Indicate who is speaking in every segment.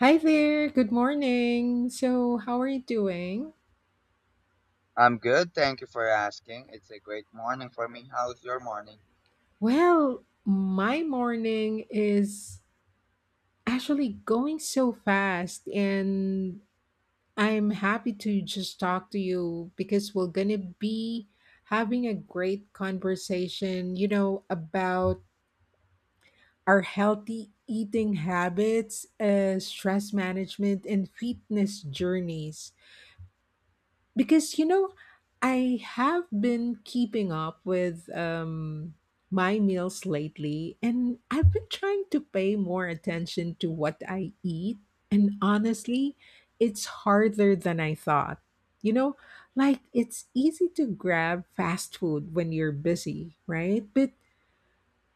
Speaker 1: Hi there, good morning. So, how are you doing?
Speaker 2: I'm good. Thank you for asking. It's a great morning for me. How's your morning?
Speaker 1: Well, my morning is actually going so fast, and I'm happy to just talk to you because we're going to be having a great conversation, you know, about our healthy eating habits, stress management, and fitness journeys. Because you know I have been keeping up with my meals lately, and I've been trying to pay more attention to what I eat. And honestly, it's harder than I thought you know like, it's easy to grab fast food when you're busy, right? But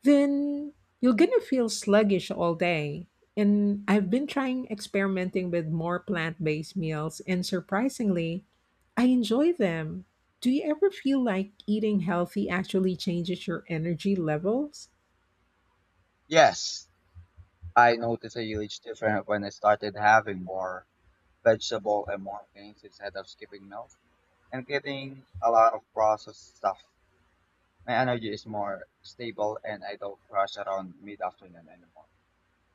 Speaker 1: then you're gonna feel sluggish all day. And I've been trying experimenting with more plant based meals, and surprisingly, I enjoy them. Do you ever feel like eating healthy actually changes your energy levels?
Speaker 2: Yes, I noticed a huge difference when I started having more vegetable and more grains instead of skipping meals and getting a lot of processed stuff. My energy is more stable and I don't crash around mid-afternoon anymore.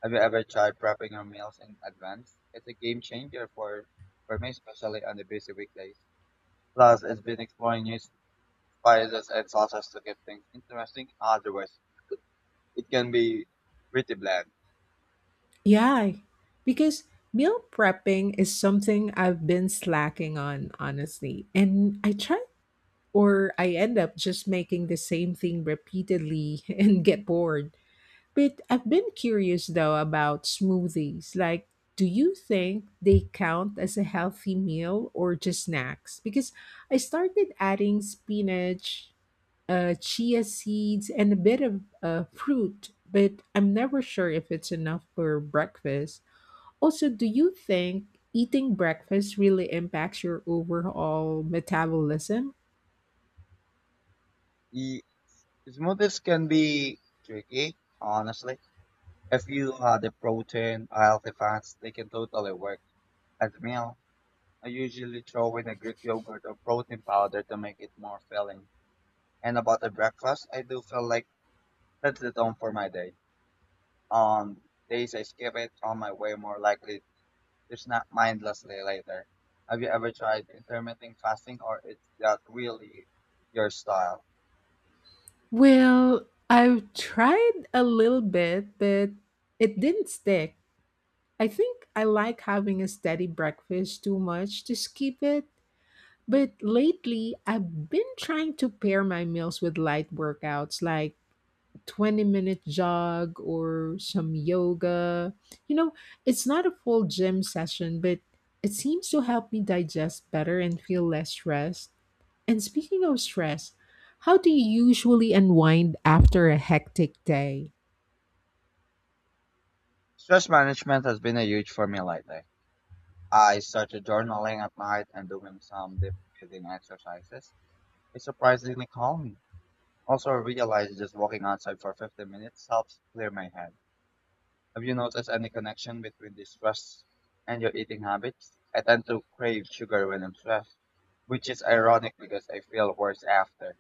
Speaker 2: Have you ever tried prepping your meals in advance? It's a game changer for me, especially on the busy weekdays. Plus, it's been exploring new spices and sauces to keep things interesting. Otherwise, it can be pretty bland.
Speaker 1: Yeah, because meal prepping is something I've been slacking on, honestly. And I try, or I end up just making the same thing repeatedly and get bored. But I've been curious though about smoothies. Like, do you think they count as a healthy meal or just snacks? Because I started adding spinach, chia seeds, and a bit of fruit, but I'm never sure if it's enough for breakfast. Also, do you think eating breakfast really impacts your overall metabolism?
Speaker 2: The smoothies can be tricky, honestly. If you add the protein, healthy fats, they can totally work. As a meal, I usually throw in a Greek yogurt or protein powder to make it more filling. And about the breakfast, I do feel like that's the tone for my day. On days I skip it, on my way more likely to snack mindlessly later. Have you ever tried intermittent fasting or is that really your style?
Speaker 1: Well, I've tried a little bit, but it didn't stick. I think I like having a steady breakfast too much to skip it. But lately, I've been trying to pair my meals with light workouts like 20-minute jog or some yoga. You know, it's not a full gym session, but it seems to help me digest better and feel less stressed. And speaking of stress, how do you usually unwind after a hectic day?
Speaker 2: Stress management has been a huge for me lately. I started journaling at night and doing some deep breathing exercises. It surprisingly calmed me. Also, I realized just walking outside for 15 minutes helps clear my head. Have you noticed any connection between the stress and your eating habits? I tend to crave sugar when I'm stressed, which is ironic because I feel worse after.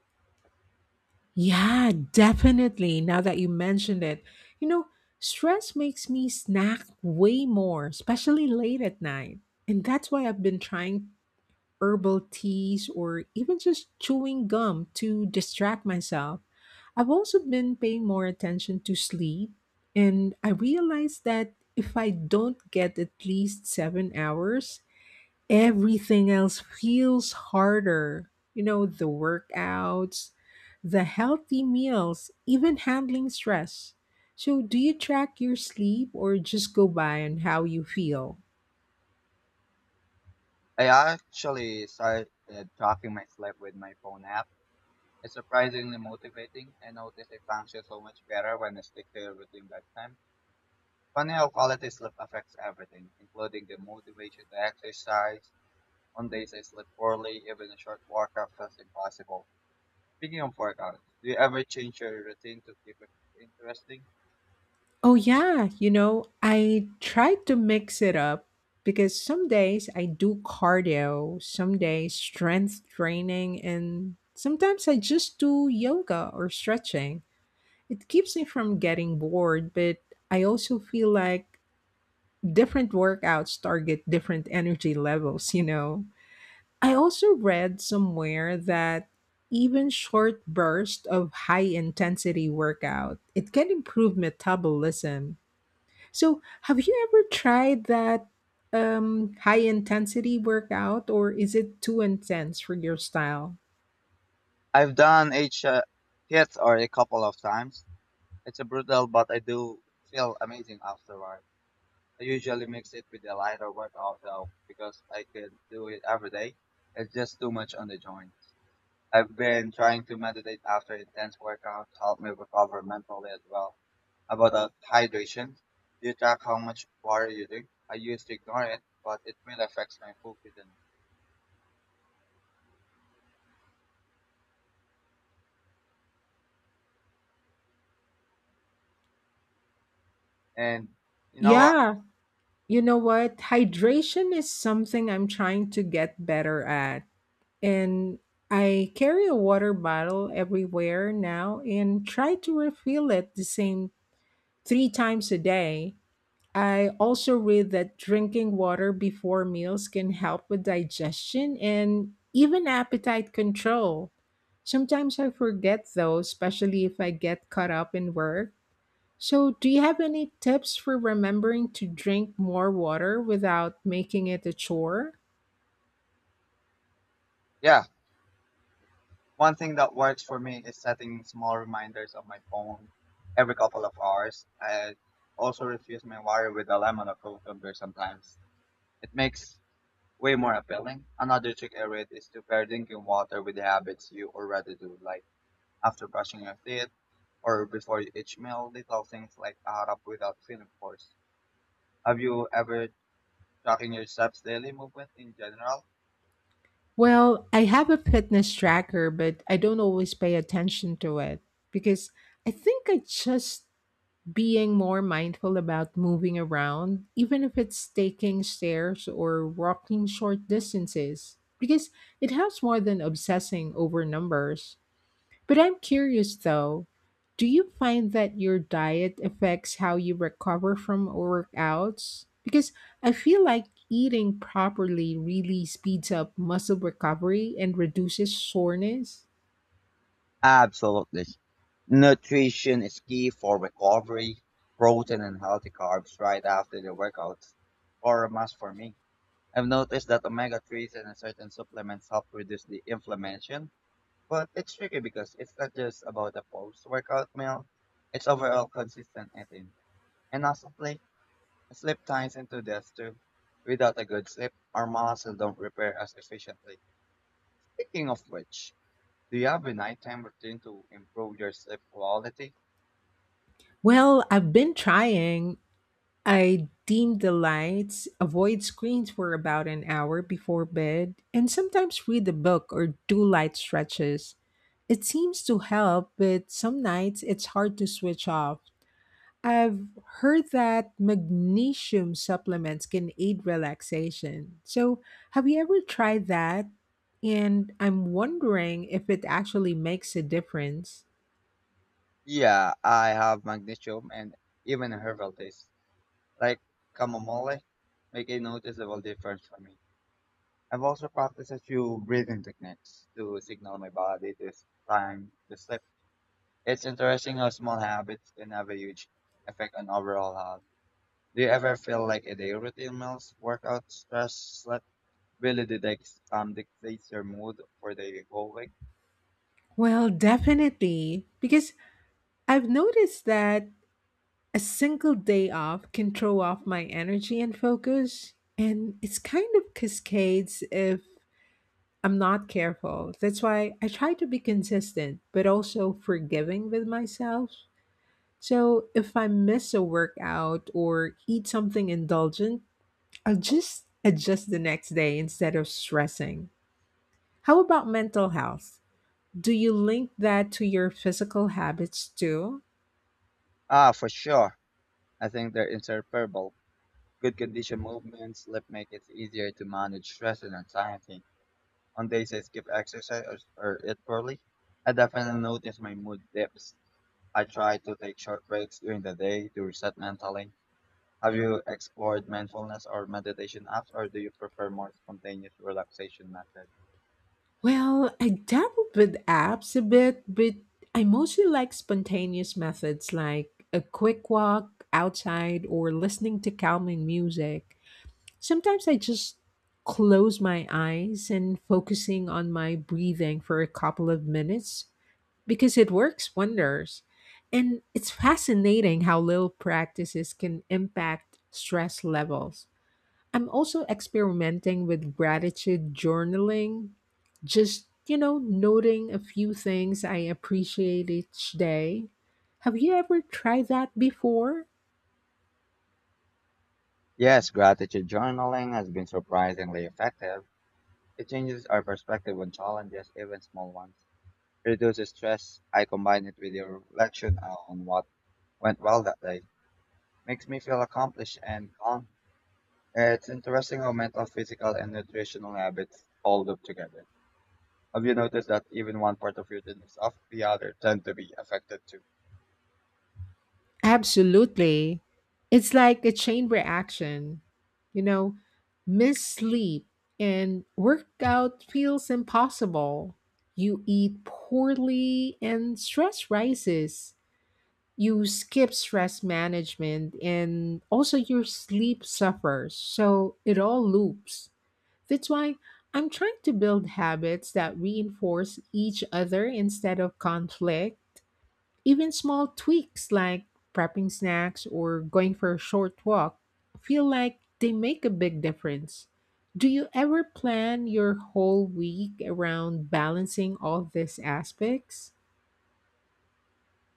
Speaker 1: Yeah, definitely. Now that you mentioned it, you know, stress makes me snack way more, especially late at night. And that's why I've been trying herbal teas or even just chewing gum to distract myself. I've also been paying more attention to sleep, and I realized that if I don't get at least 7 hours, everything else feels harder. You know, the workouts, the healthy meals, even handling stress. So, do you track your sleep or just go by on how you feel?
Speaker 2: I actually started tracking my sleep with my phone app. It's surprisingly motivating. I notice I function so much better when I stick to a routine bedtime. Funny how quality sleep affects everything, including the motivation to exercise. On days I sleep poorly, even a short workout feels impossible. Speaking of workouts, do you ever change your routine to keep it interesting?
Speaker 1: Oh, yeah. You know, I try to mix it up because some days I do cardio, some days strength training, and sometimes I just do yoga or stretching. It keeps me from getting bored, but I also feel like different workouts target different energy levels, you know. I
Speaker 2: Yeah.
Speaker 1: also read somewhere that even short bursts of high intensity workout, it can improve metabolism. So, have you ever tried that high intensity workout, or is it too intense for your style?
Speaker 2: I've done hits or a couple of times. It's a brutal, but I do feel amazing afterward. I usually mix it with a lighter workout though, because I could do it every day. It's just too much on the joints. I've been trying to meditate after intense workouts to help me recover mentally as well. About hydration, do you track how much water you drink? I used to ignore it, but it really affects my focus and you know what?
Speaker 1: Yeah, you know what? Hydration is something I'm trying to get better at. And I carry a water bottle everywhere now and try to refill it the same three times a day. I also read that drinking water before meals can help with digestion and even appetite control. Sometimes I forget though, especially if I get caught up in work. So, do you have any tips for remembering to drink more water without making it a chore?
Speaker 2: Yeah, one thing that works for me is setting small reminders on my phone every couple of hours. I also refuse my water with a lemon or cucumber sometimes. It makes way more appealing. Another trick I read is to pair drinking water with habits you already do, like after brushing your teeth or before each meal. Little things like add up without feeling forced. Have you ever tracking your steps daily movement in general?
Speaker 1: Well, I have a fitness tracker, but I don't always pay attention to it because I think I just being more mindful about moving around, even if it's taking stairs or walking short distances, because it helps more than obsessing over numbers. But I'm curious though, do you find that your diet affects how you recover from workouts? Because I feel like eating properly really speeds up muscle recovery and reduces soreness.
Speaker 2: Absolutely. Nutrition is key for recovery, protein and healthy carbs right after the workouts are a must for me. I've noticed that omega 3s and certain supplements help reduce the inflammation. But it's tricky because it's not just about a post-workout meal, it's overall consistent eating. And honestly, sleep ties into this too. Without a good sleep, our muscles don't repair as efficiently. Speaking of which, do you have a nighttime routine to improve your sleep quality?
Speaker 1: Well, I've been trying. I dim the lights, avoid screens for about an hour before bed, and sometimes read a book or do light stretches. It seems to help, but some nights it's hard to switch off. I've heard that magnesium supplements can aid relaxation. So, have you ever tried that? And I'm wondering if it actually makes a difference.
Speaker 2: Yeah, I have magnesium and even herbal teas, like chamomile, make a noticeable difference for me. I've also practiced a few breathing techniques to signal my body this time to sleep. It's interesting how small habits can have a huge effect on overall health. Do you ever feel like a daily routine meals, workout, stress, sleep really dictates your mood for the whole week?
Speaker 1: Well, definitely, because I've noticed that a single day off can throw off my energy and focus, and it's kind of cascades if I'm not careful. That's why I try to be consistent, but also forgiving with myself. So if I miss a workout or eat something indulgent, I'll just adjust the next day instead of stressing. How about mental health? Do you link that to your physical habits too?
Speaker 2: Ah, for sure. I think they're inseparable. Good condition movement, sleep make it easier to manage stress and anxiety. On days I skip exercise or eat poorly, I definitely notice my mood dips. I try to take short breaks during the day to reset mentally. Have you explored mindfulness or meditation apps, or do you prefer more spontaneous relaxation methods?
Speaker 1: Well, I dabbled with apps a bit, but I mostly like spontaneous methods like a quick walk outside or listening to calming music. Sometimes I just close my eyes and focusing on my breathing for a couple of minutes because it works wonders. And it's fascinating how little practices can impact stress levels. I'm also experimenting with gratitude journaling, just, you know, noting a few things I appreciate each day. Have you ever tried that before?
Speaker 2: Yes, gratitude journaling has been surprisingly effective. It changes our perspective on challenges, even small ones. It reduces stress. I combine it with a reflection on what went well that day. Makes me feel accomplished and calm. It's interesting how mental, physical, and nutritional habits all loop together. Have you noticed that even one part of your day is off, the other tend to be affected too?
Speaker 1: Absolutely. It's like a chain reaction. You know, miss sleep and workout feels impossible. You eat poorly and stress rises. You skip stress management and also your sleep suffers. So it all loops. That's why I'm trying to build habits that reinforce each other instead of conflict. Even small tweaks like prepping snacks or going for a short walk feel like they make a big difference. Do you ever plan your whole week around balancing all these aspects?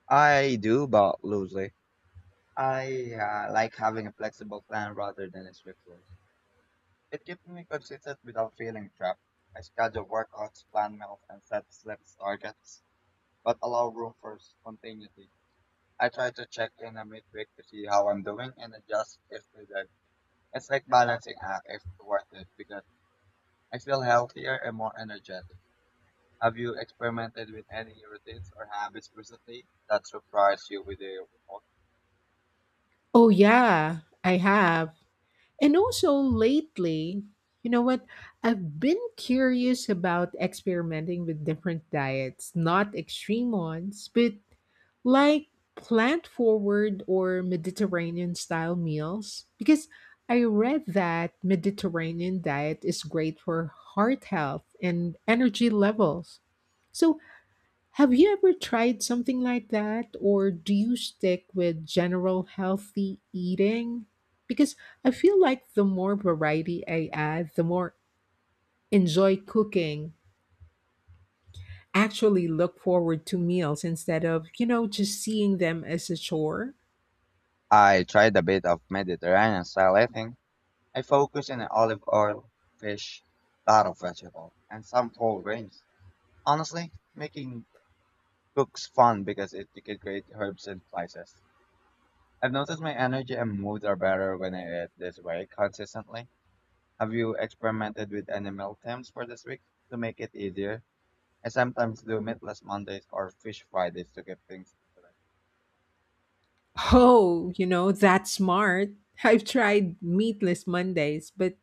Speaker 2: I do, but loosely. I like having a flexible plan rather than a strict rules. It keeps me consistent without feeling trapped. I schedule workouts, plan meals, and set slips targets, but allow room for spontaneity. I try to check in a midweek to see how I'm doing and adjust if needed. It's like balancing act if worth it because I feel healthier and more energetic. Have you experimented with any routines or habits recently that surprised you with their.
Speaker 1: Oh, yeah, I have. And also lately, you know what? I've been curious about experimenting with different diets, not extreme ones, but like plant forward or Mediterranean style meals. Because I read that Mediterranean diet is great for heart health and energy levels. So have you ever tried something like that, or do you stick with general healthy eating? Because I feel like the more variety I add, the more enjoy cooking, actually look forward to meals instead of, you know, just seeing them as a chore.
Speaker 2: I tried a bit of Mediterranean style eating. I focused on olive oil, fish, lot of vegetables, and some whole grains. Honestly, making cooks fun because it, you could create herbs and spices. I've noticed my energy and mood are better when I eat this way consistently. Have you experimented with any meal times for this week to make it easier? I sometimes do meatless Mondays or fish Fridays to get things into.
Speaker 1: Oh, you know, that's smart. I've tried meatless Mondays, but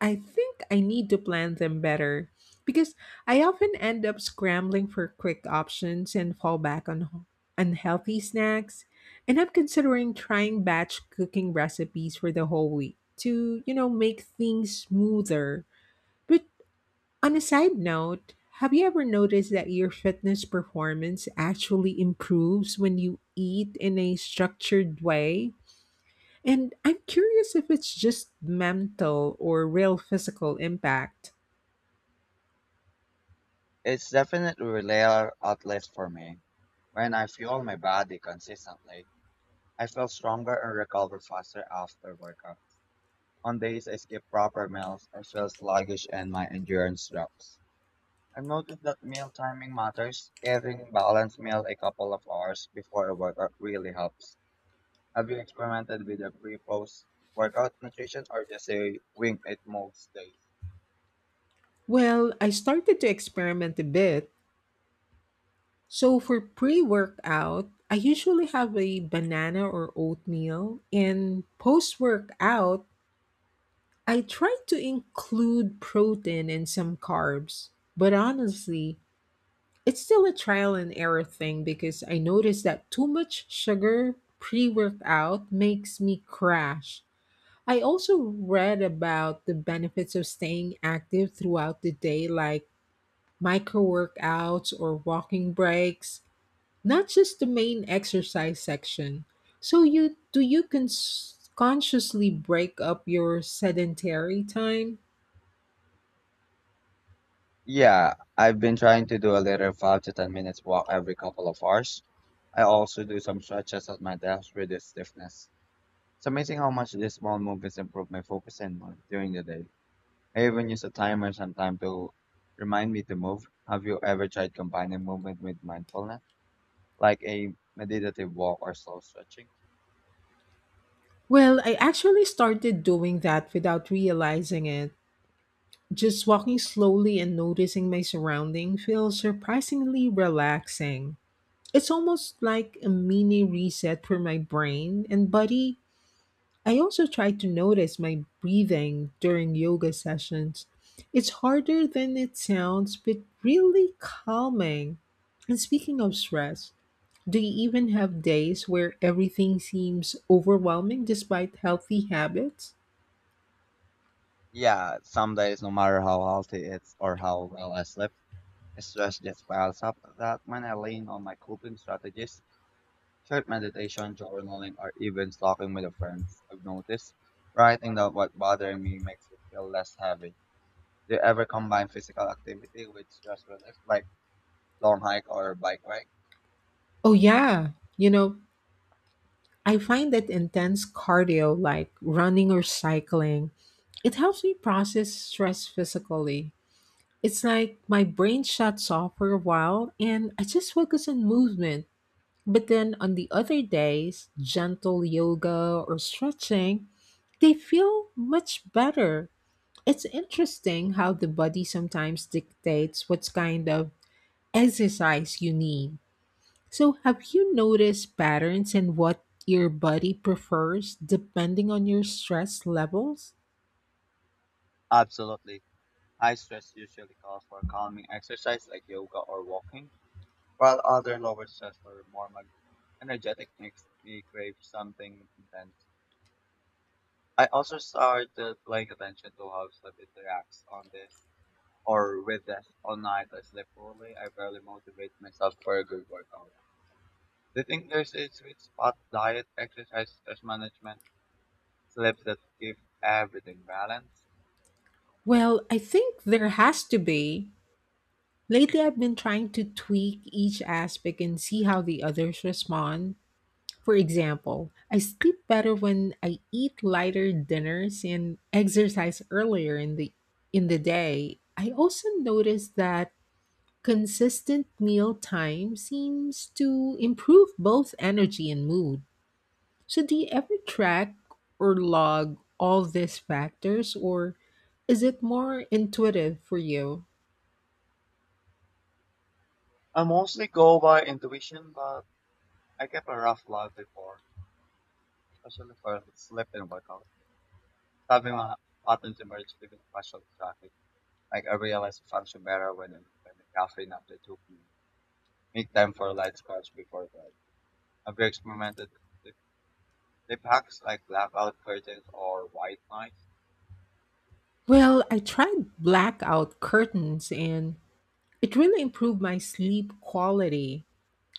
Speaker 1: I think I need to plan them better because I often end up scrambling for quick options and fall back on unhealthy snacks. And I'm considering trying batch cooking recipes for the whole week to, you know, make things smoother. But on a side note, have you ever noticed that your fitness performance actually improves when you eat in a structured way? And I'm curious if it's just mental or real physical impact.
Speaker 2: It's definitely a layer outlet for me. When I fuel my body consistently, I feel stronger and recover faster after workouts. On days I skip proper meals I feel sluggish and my endurance drops. I've noticed that meal timing matters. Eating balanced meal a couple of hours before a workout really helps. Have you experimented with a pre-post workout nutrition or just a wing it most days?
Speaker 1: Well, I started to experiment a bit. So for pre-workout, I usually have a banana or oatmeal, and post-workout, I try to include protein and some carbs. But honestly, it's still a trial and error thing because I noticed that too much sugar pre-workout makes me crash. I also read about the benefits of staying active throughout the day, like micro workouts or walking breaks, not just the main exercise section. So you do consciously break up your sedentary time?
Speaker 2: Yeah, I've been trying to do a little 5 to 10 minutes walk every couple of hours. I also do some stretches at my desk to reduce stiffness. It's amazing how much these small movements improve my focus and mood during the day. I even use a timer sometime to remind me to move. Have you ever tried combining movement with mindfulness, like a meditative walk or slow stretching?
Speaker 1: Well, I actually started doing that without realizing it. Just walking slowly and noticing my surroundings feels surprisingly relaxing. It's almost like a mini reset for my brain and body. I also try to notice my breathing during yoga sessions. It's harder than it sounds, but really calming. And speaking of stress, do you even have days where everything seems overwhelming despite healthy habits?
Speaker 2: Yeah, some days, no matter how healthy it's or how well I sleep, stress just piles up. That when I lean on my coping strategies. Short meditation, journaling, or even talking with a friend. I've noticed writing down what bothering me makes it feel less heavy. Do you ever combine physical activity with stress relief, like long hike or bike ride?
Speaker 1: Oh, yeah. You know, I find that intense cardio like running or cycling, it helps me process stress physically. It's like my brain shuts off for a while and I just focus on movement. But then on the other days, gentle yoga or stretching, they feel much better. It's interesting how the body sometimes dictates what kind of exercise you need. So, have you noticed patterns in what your body prefers depending on your stress levels?
Speaker 2: Absolutely. High stress usually calls for calming exercise like yoga or walking, while other lower stress or more energetic makes me crave something intense. I also started paying attention to how sleep interacts on this or with us all night. I sleep poorly. I barely motivate myself for a good workout. Do you think there's a sweet spot diet, exercise, stress management, sleep that give everything balance?
Speaker 1: Well, I think there has to be. Lately, I've been trying to tweak each aspect and see how the others respond. For example, I sleep better when I eat lighter dinners and exercise earlier in the day. I also notice that consistent meal time seems to improve both energy and mood. So do you ever track or log all these factors, or is it more intuitive for you?
Speaker 2: I mostly go by intuition, but I kept a rough log before, especially for sleep and workout. Having my patterns emerge even partial traffic. Like I realize I function better when I'm when the caffeine after 2 p.m. Make time for light scratch before bed. Have you experimented. They packed like blackout curtains or white noise.
Speaker 1: Well, I tried blackout curtains and it really improved my sleep quality.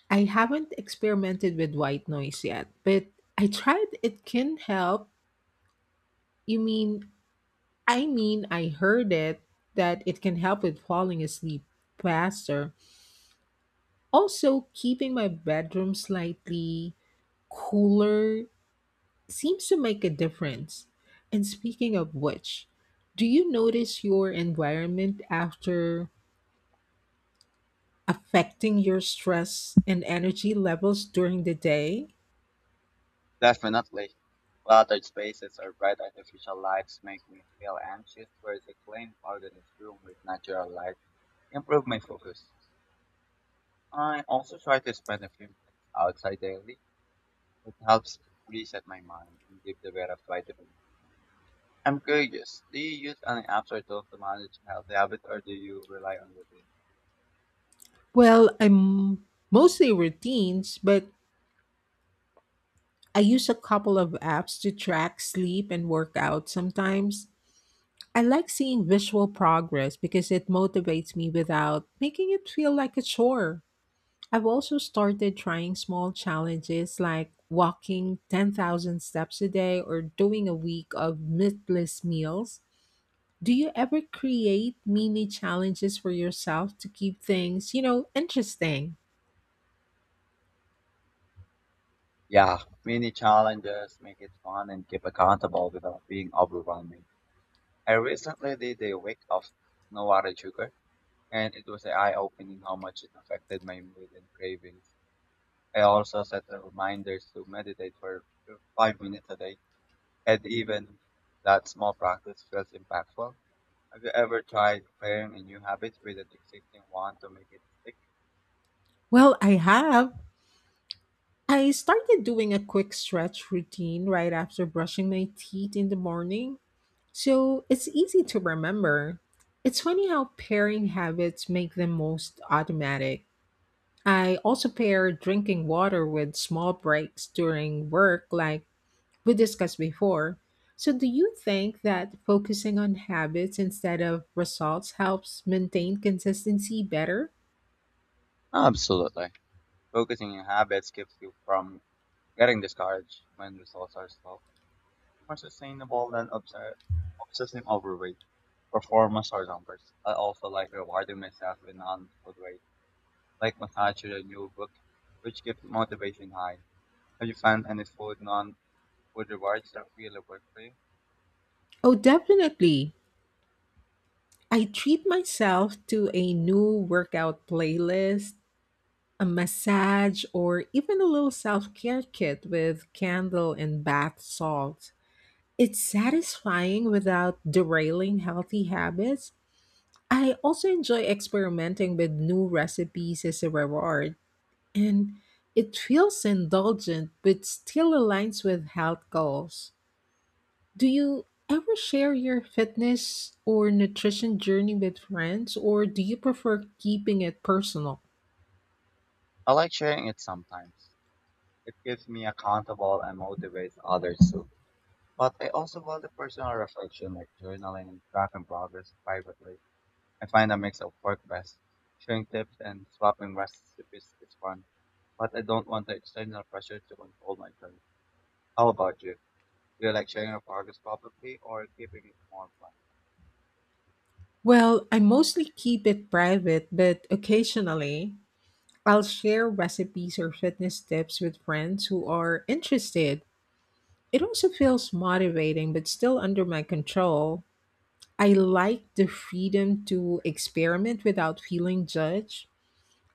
Speaker 1: I haven't experimented with white noise yet, but I tried it can help. You mean, I mean, I heard it that it can help with falling asleep faster. Also, keeping my bedroom slightly cooler seems to make a difference. And speaking of which, do you notice your environment after affecting your stress and energy levels during the day?
Speaker 2: Definitely. Cluttered spaces or bright artificial lights make me feel anxious, whereas a clean, organized room with natural light improve my focus. I also try to spend a few minutes outside daily. It helps reset my mind and give the better vitamin. I'm curious, do you use any apps or tools to manage healthy habits or do you rely on routine?
Speaker 1: Well, I'm mostly routines, but I use a couple of apps to track sleep and workout sometimes. I like seeing visual progress because it motivates me without making it feel like a chore. I've also started trying small challenges like walking 10,000 steps a day or doing a week of meatless meals. Do you ever create mini challenges for yourself to keep things, you know, interesting?
Speaker 2: Yeah, mini challenges make it fun and keep accountable without being overwhelming. I recently did a week of no added sugar, and it was eye-opening how much it affected my mood and cravings. I also set reminders to meditate for 5 minutes a day, and even that small practice feels impactful. Have you ever tried pairing a new habit with an existing one to make it stick?
Speaker 1: Well, I have. I started doing a quick stretch routine right after brushing my teeth in the morning, so it's easy to remember. It's funny how pairing habits make them most automatic. I also pair drinking water with small breaks during work, like we discussed before. So, do you think that focusing on habits instead of results helps maintain consistency better?
Speaker 2: Absolutely. Focusing on habits keeps you from getting discouraged when results are slow, more sustainable than obsessing over weight, performance or numbers. I also like rewarding myself in an food way, like massage or a new book, which keeps motivation high. Have you found any food non-food rewards that really work for you?
Speaker 1: Oh, definitely. I treat myself to a new workout playlist, a massage, or even a little self care kit with candle and bath salts. It's satisfying without derailing healthy habits. I also enjoy experimenting with new recipes as a reward, and it feels indulgent but still aligns with health goals. Do you ever share your fitness or nutrition journey with friends, or do you prefer keeping it personal?
Speaker 2: I like sharing it sometimes. It keeps me accountable and motivates others too. But I also value personal reflection like journaling and tracking progress privately. I find a mix of work best. Sharing tips and swapping recipes is fun, but I don't want the external pressure to control my journey. How about you? Do you like sharing your progress publicly or keeping it more private?
Speaker 1: Well, I mostly keep it private, but occasionally I'll share recipes or fitness tips with friends who are interested. It also feels motivating, but still under my control. I like the freedom to experiment without feeling judged.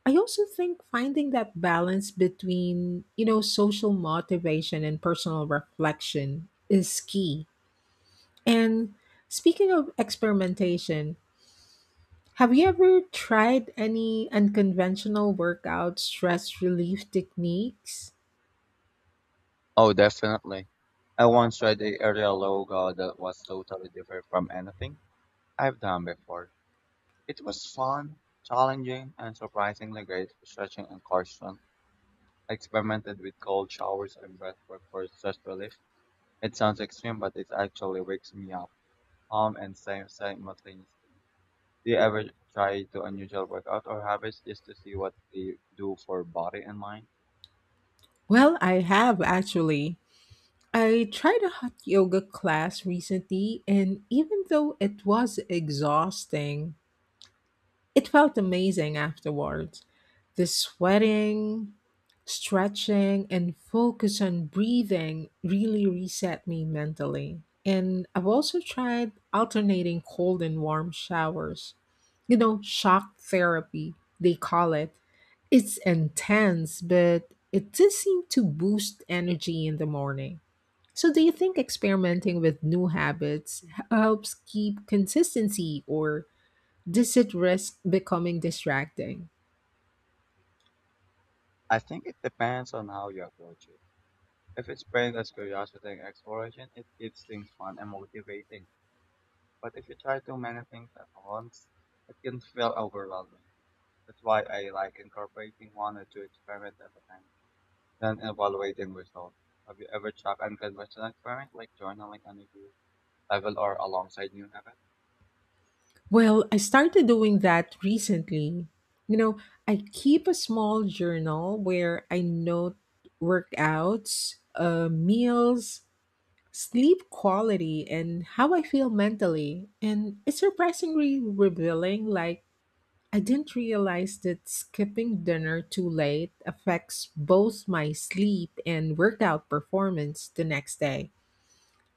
Speaker 1: I also think finding that balance between, social motivation and personal reflection is key. And speaking of experimentation, have you ever tried any unconventional workout stress relief techniques?
Speaker 2: Oh, definitely. I once tried the area logo that was totally different from anything I've done before. It was fun, challenging, and surprisingly great for stretching and caution. I experimented with cold showers and breathwork for stress relief. It sounds extreme, but it actually wakes me up, calm and safe simultaneously. Do you ever try to unusual workout or habits just to see what they do for body and mind?
Speaker 1: Well, I have actually. I tried a hot yoga class recently, and even though it was exhausting, it felt amazing afterwards. The sweating, stretching, and focus on breathing really reset me mentally. And I've also tried alternating cold and warm showers. You know, shock therapy, they call it. It's intense, but it does seem to boost energy in the morning. So, do you think experimenting with new habits helps keep consistency or does it risk becoming distracting?
Speaker 2: I think it depends on how you approach it. If it's framed as curiosity and exploration, it keeps things fun and motivating. But if you try too many things at once, it can feel overwhelming. That's why I like incorporating one or two experiments at a time, then evaluating results. Have you ever tried unconventional experiments like journaling on a new level or alongside new habits?
Speaker 1: Well, I started doing that recently. You know, I keep a small journal where I note workouts, meals, sleep quality, and how I feel mentally. And it's surprisingly revealing. Like, I didn't realize that skipping dinner too late affects both my sleep and workout performance the next day.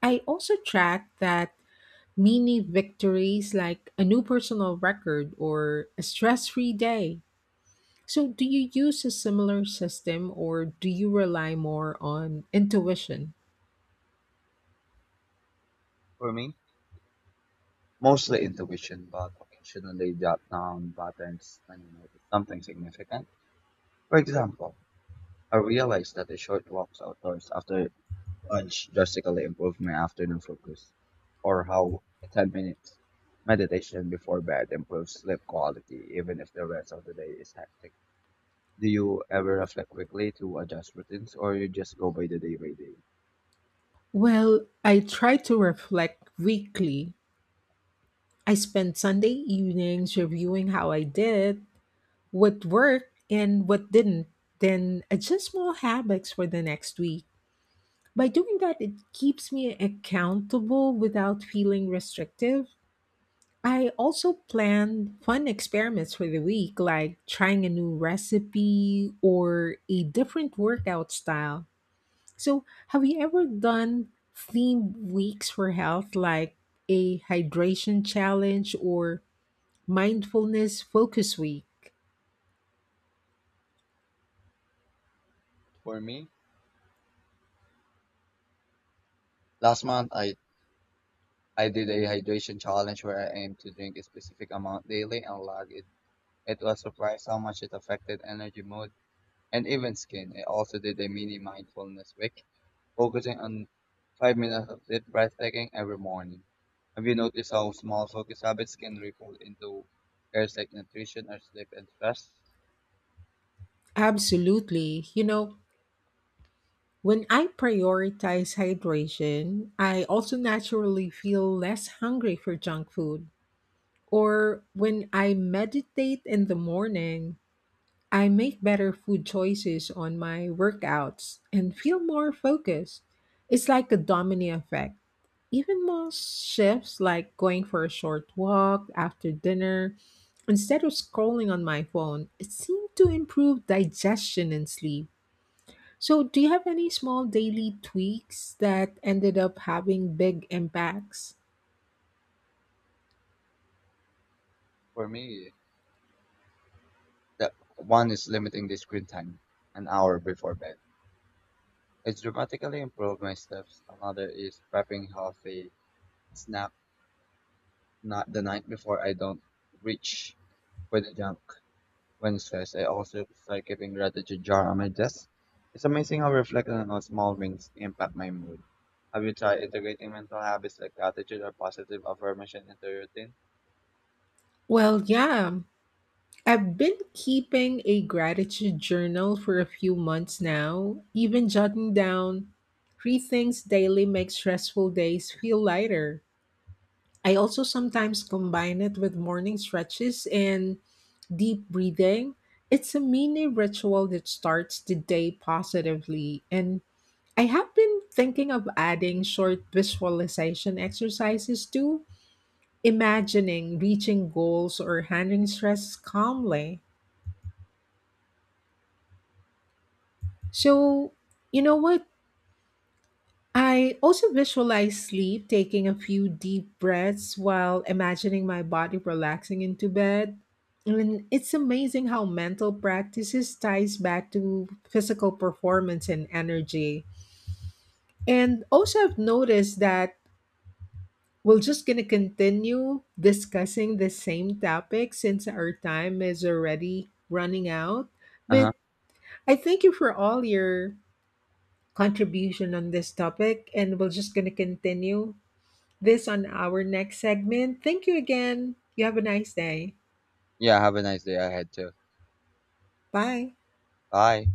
Speaker 1: I also track that mini victories like a new personal record or a stress free day. So, do you use a similar system or do you rely more on intuition?
Speaker 2: For me, mostly intuition, but occasionally jot down patterns when you notice something significant. For example, I realized that the short walks outdoors after lunch drastically improved my afternoon focus, or how 10 minutes meditation before bed improves sleep quality, even if the rest of the day is hectic. Do you ever reflect quickly to adjust routines, or you just go by the day by day?
Speaker 1: Well, I try to reflect weekly. I spend Sunday evenings reviewing how I did, what worked, and what didn't, then adjust small habits for the next week. By doing that, it keeps me accountable without feeling restrictive. I also plan fun experiments for the week, like trying a new recipe or a different workout style. So, have you ever done themed weeks for health, like a hydration challenge or mindfulness focus week?
Speaker 2: For me, last month I did a hydration challenge where I aimed to drink a specific amount daily and log it. It was surprised how much it affected energy, mood, and even skin. I also did a mini mindfulness week focusing on 5 minutes of deep breathtaking every morning. Have you noticed how small focus habits can ripple into areas like nutrition or sleep and stress?
Speaker 1: Absolutely. You know, when I prioritize hydration, I also naturally feel less hungry for junk food. Or when I meditate in the morning, I make better food choices on my workouts and feel more focused. It's like a domino effect. Even most shifts, like going for a short walk after dinner, instead of scrolling on my phone, it seemed to improve digestion and sleep. So, do you have any small daily tweaks that ended up having big impacts?
Speaker 2: For me, that one is limiting the screen time an hour before bed. It's dramatically improved my steps. Another is prepping healthy snack not the night before I don't reach for the junk. Wednesdays, I also start keeping gratitude jar on my desk. It's amazing how reflecting on small wins impact my mood. Have you tried integrating mental habits like gratitude or positive affirmation into your routine?
Speaker 1: Well, yeah. I've been keeping a gratitude journal for a few months now, even jotting down three things daily makes stressful days feel lighter. I also sometimes combine it with morning stretches and deep breathing. It's a mini ritual that starts the day positively, and I have been thinking of adding short visualization exercises too, imagining reaching goals or handling stress calmly. So, you know what? I also visualize sleep, taking a few deep breaths while imagining my body relaxing into bed. And it's amazing how mental practices ties back to physical performance and energy. And also I've noticed that we're just going to continue discussing the same topic since our time is already running out.
Speaker 2: Uh
Speaker 1: But
Speaker 2: huh.
Speaker 1: I thank you for all your contribution on this topic, and we're just going to continue this on our next segment. Thank you again. You have a nice day.
Speaker 2: Yeah. Have a nice day ahead too.
Speaker 1: Bye.
Speaker 2: Bye.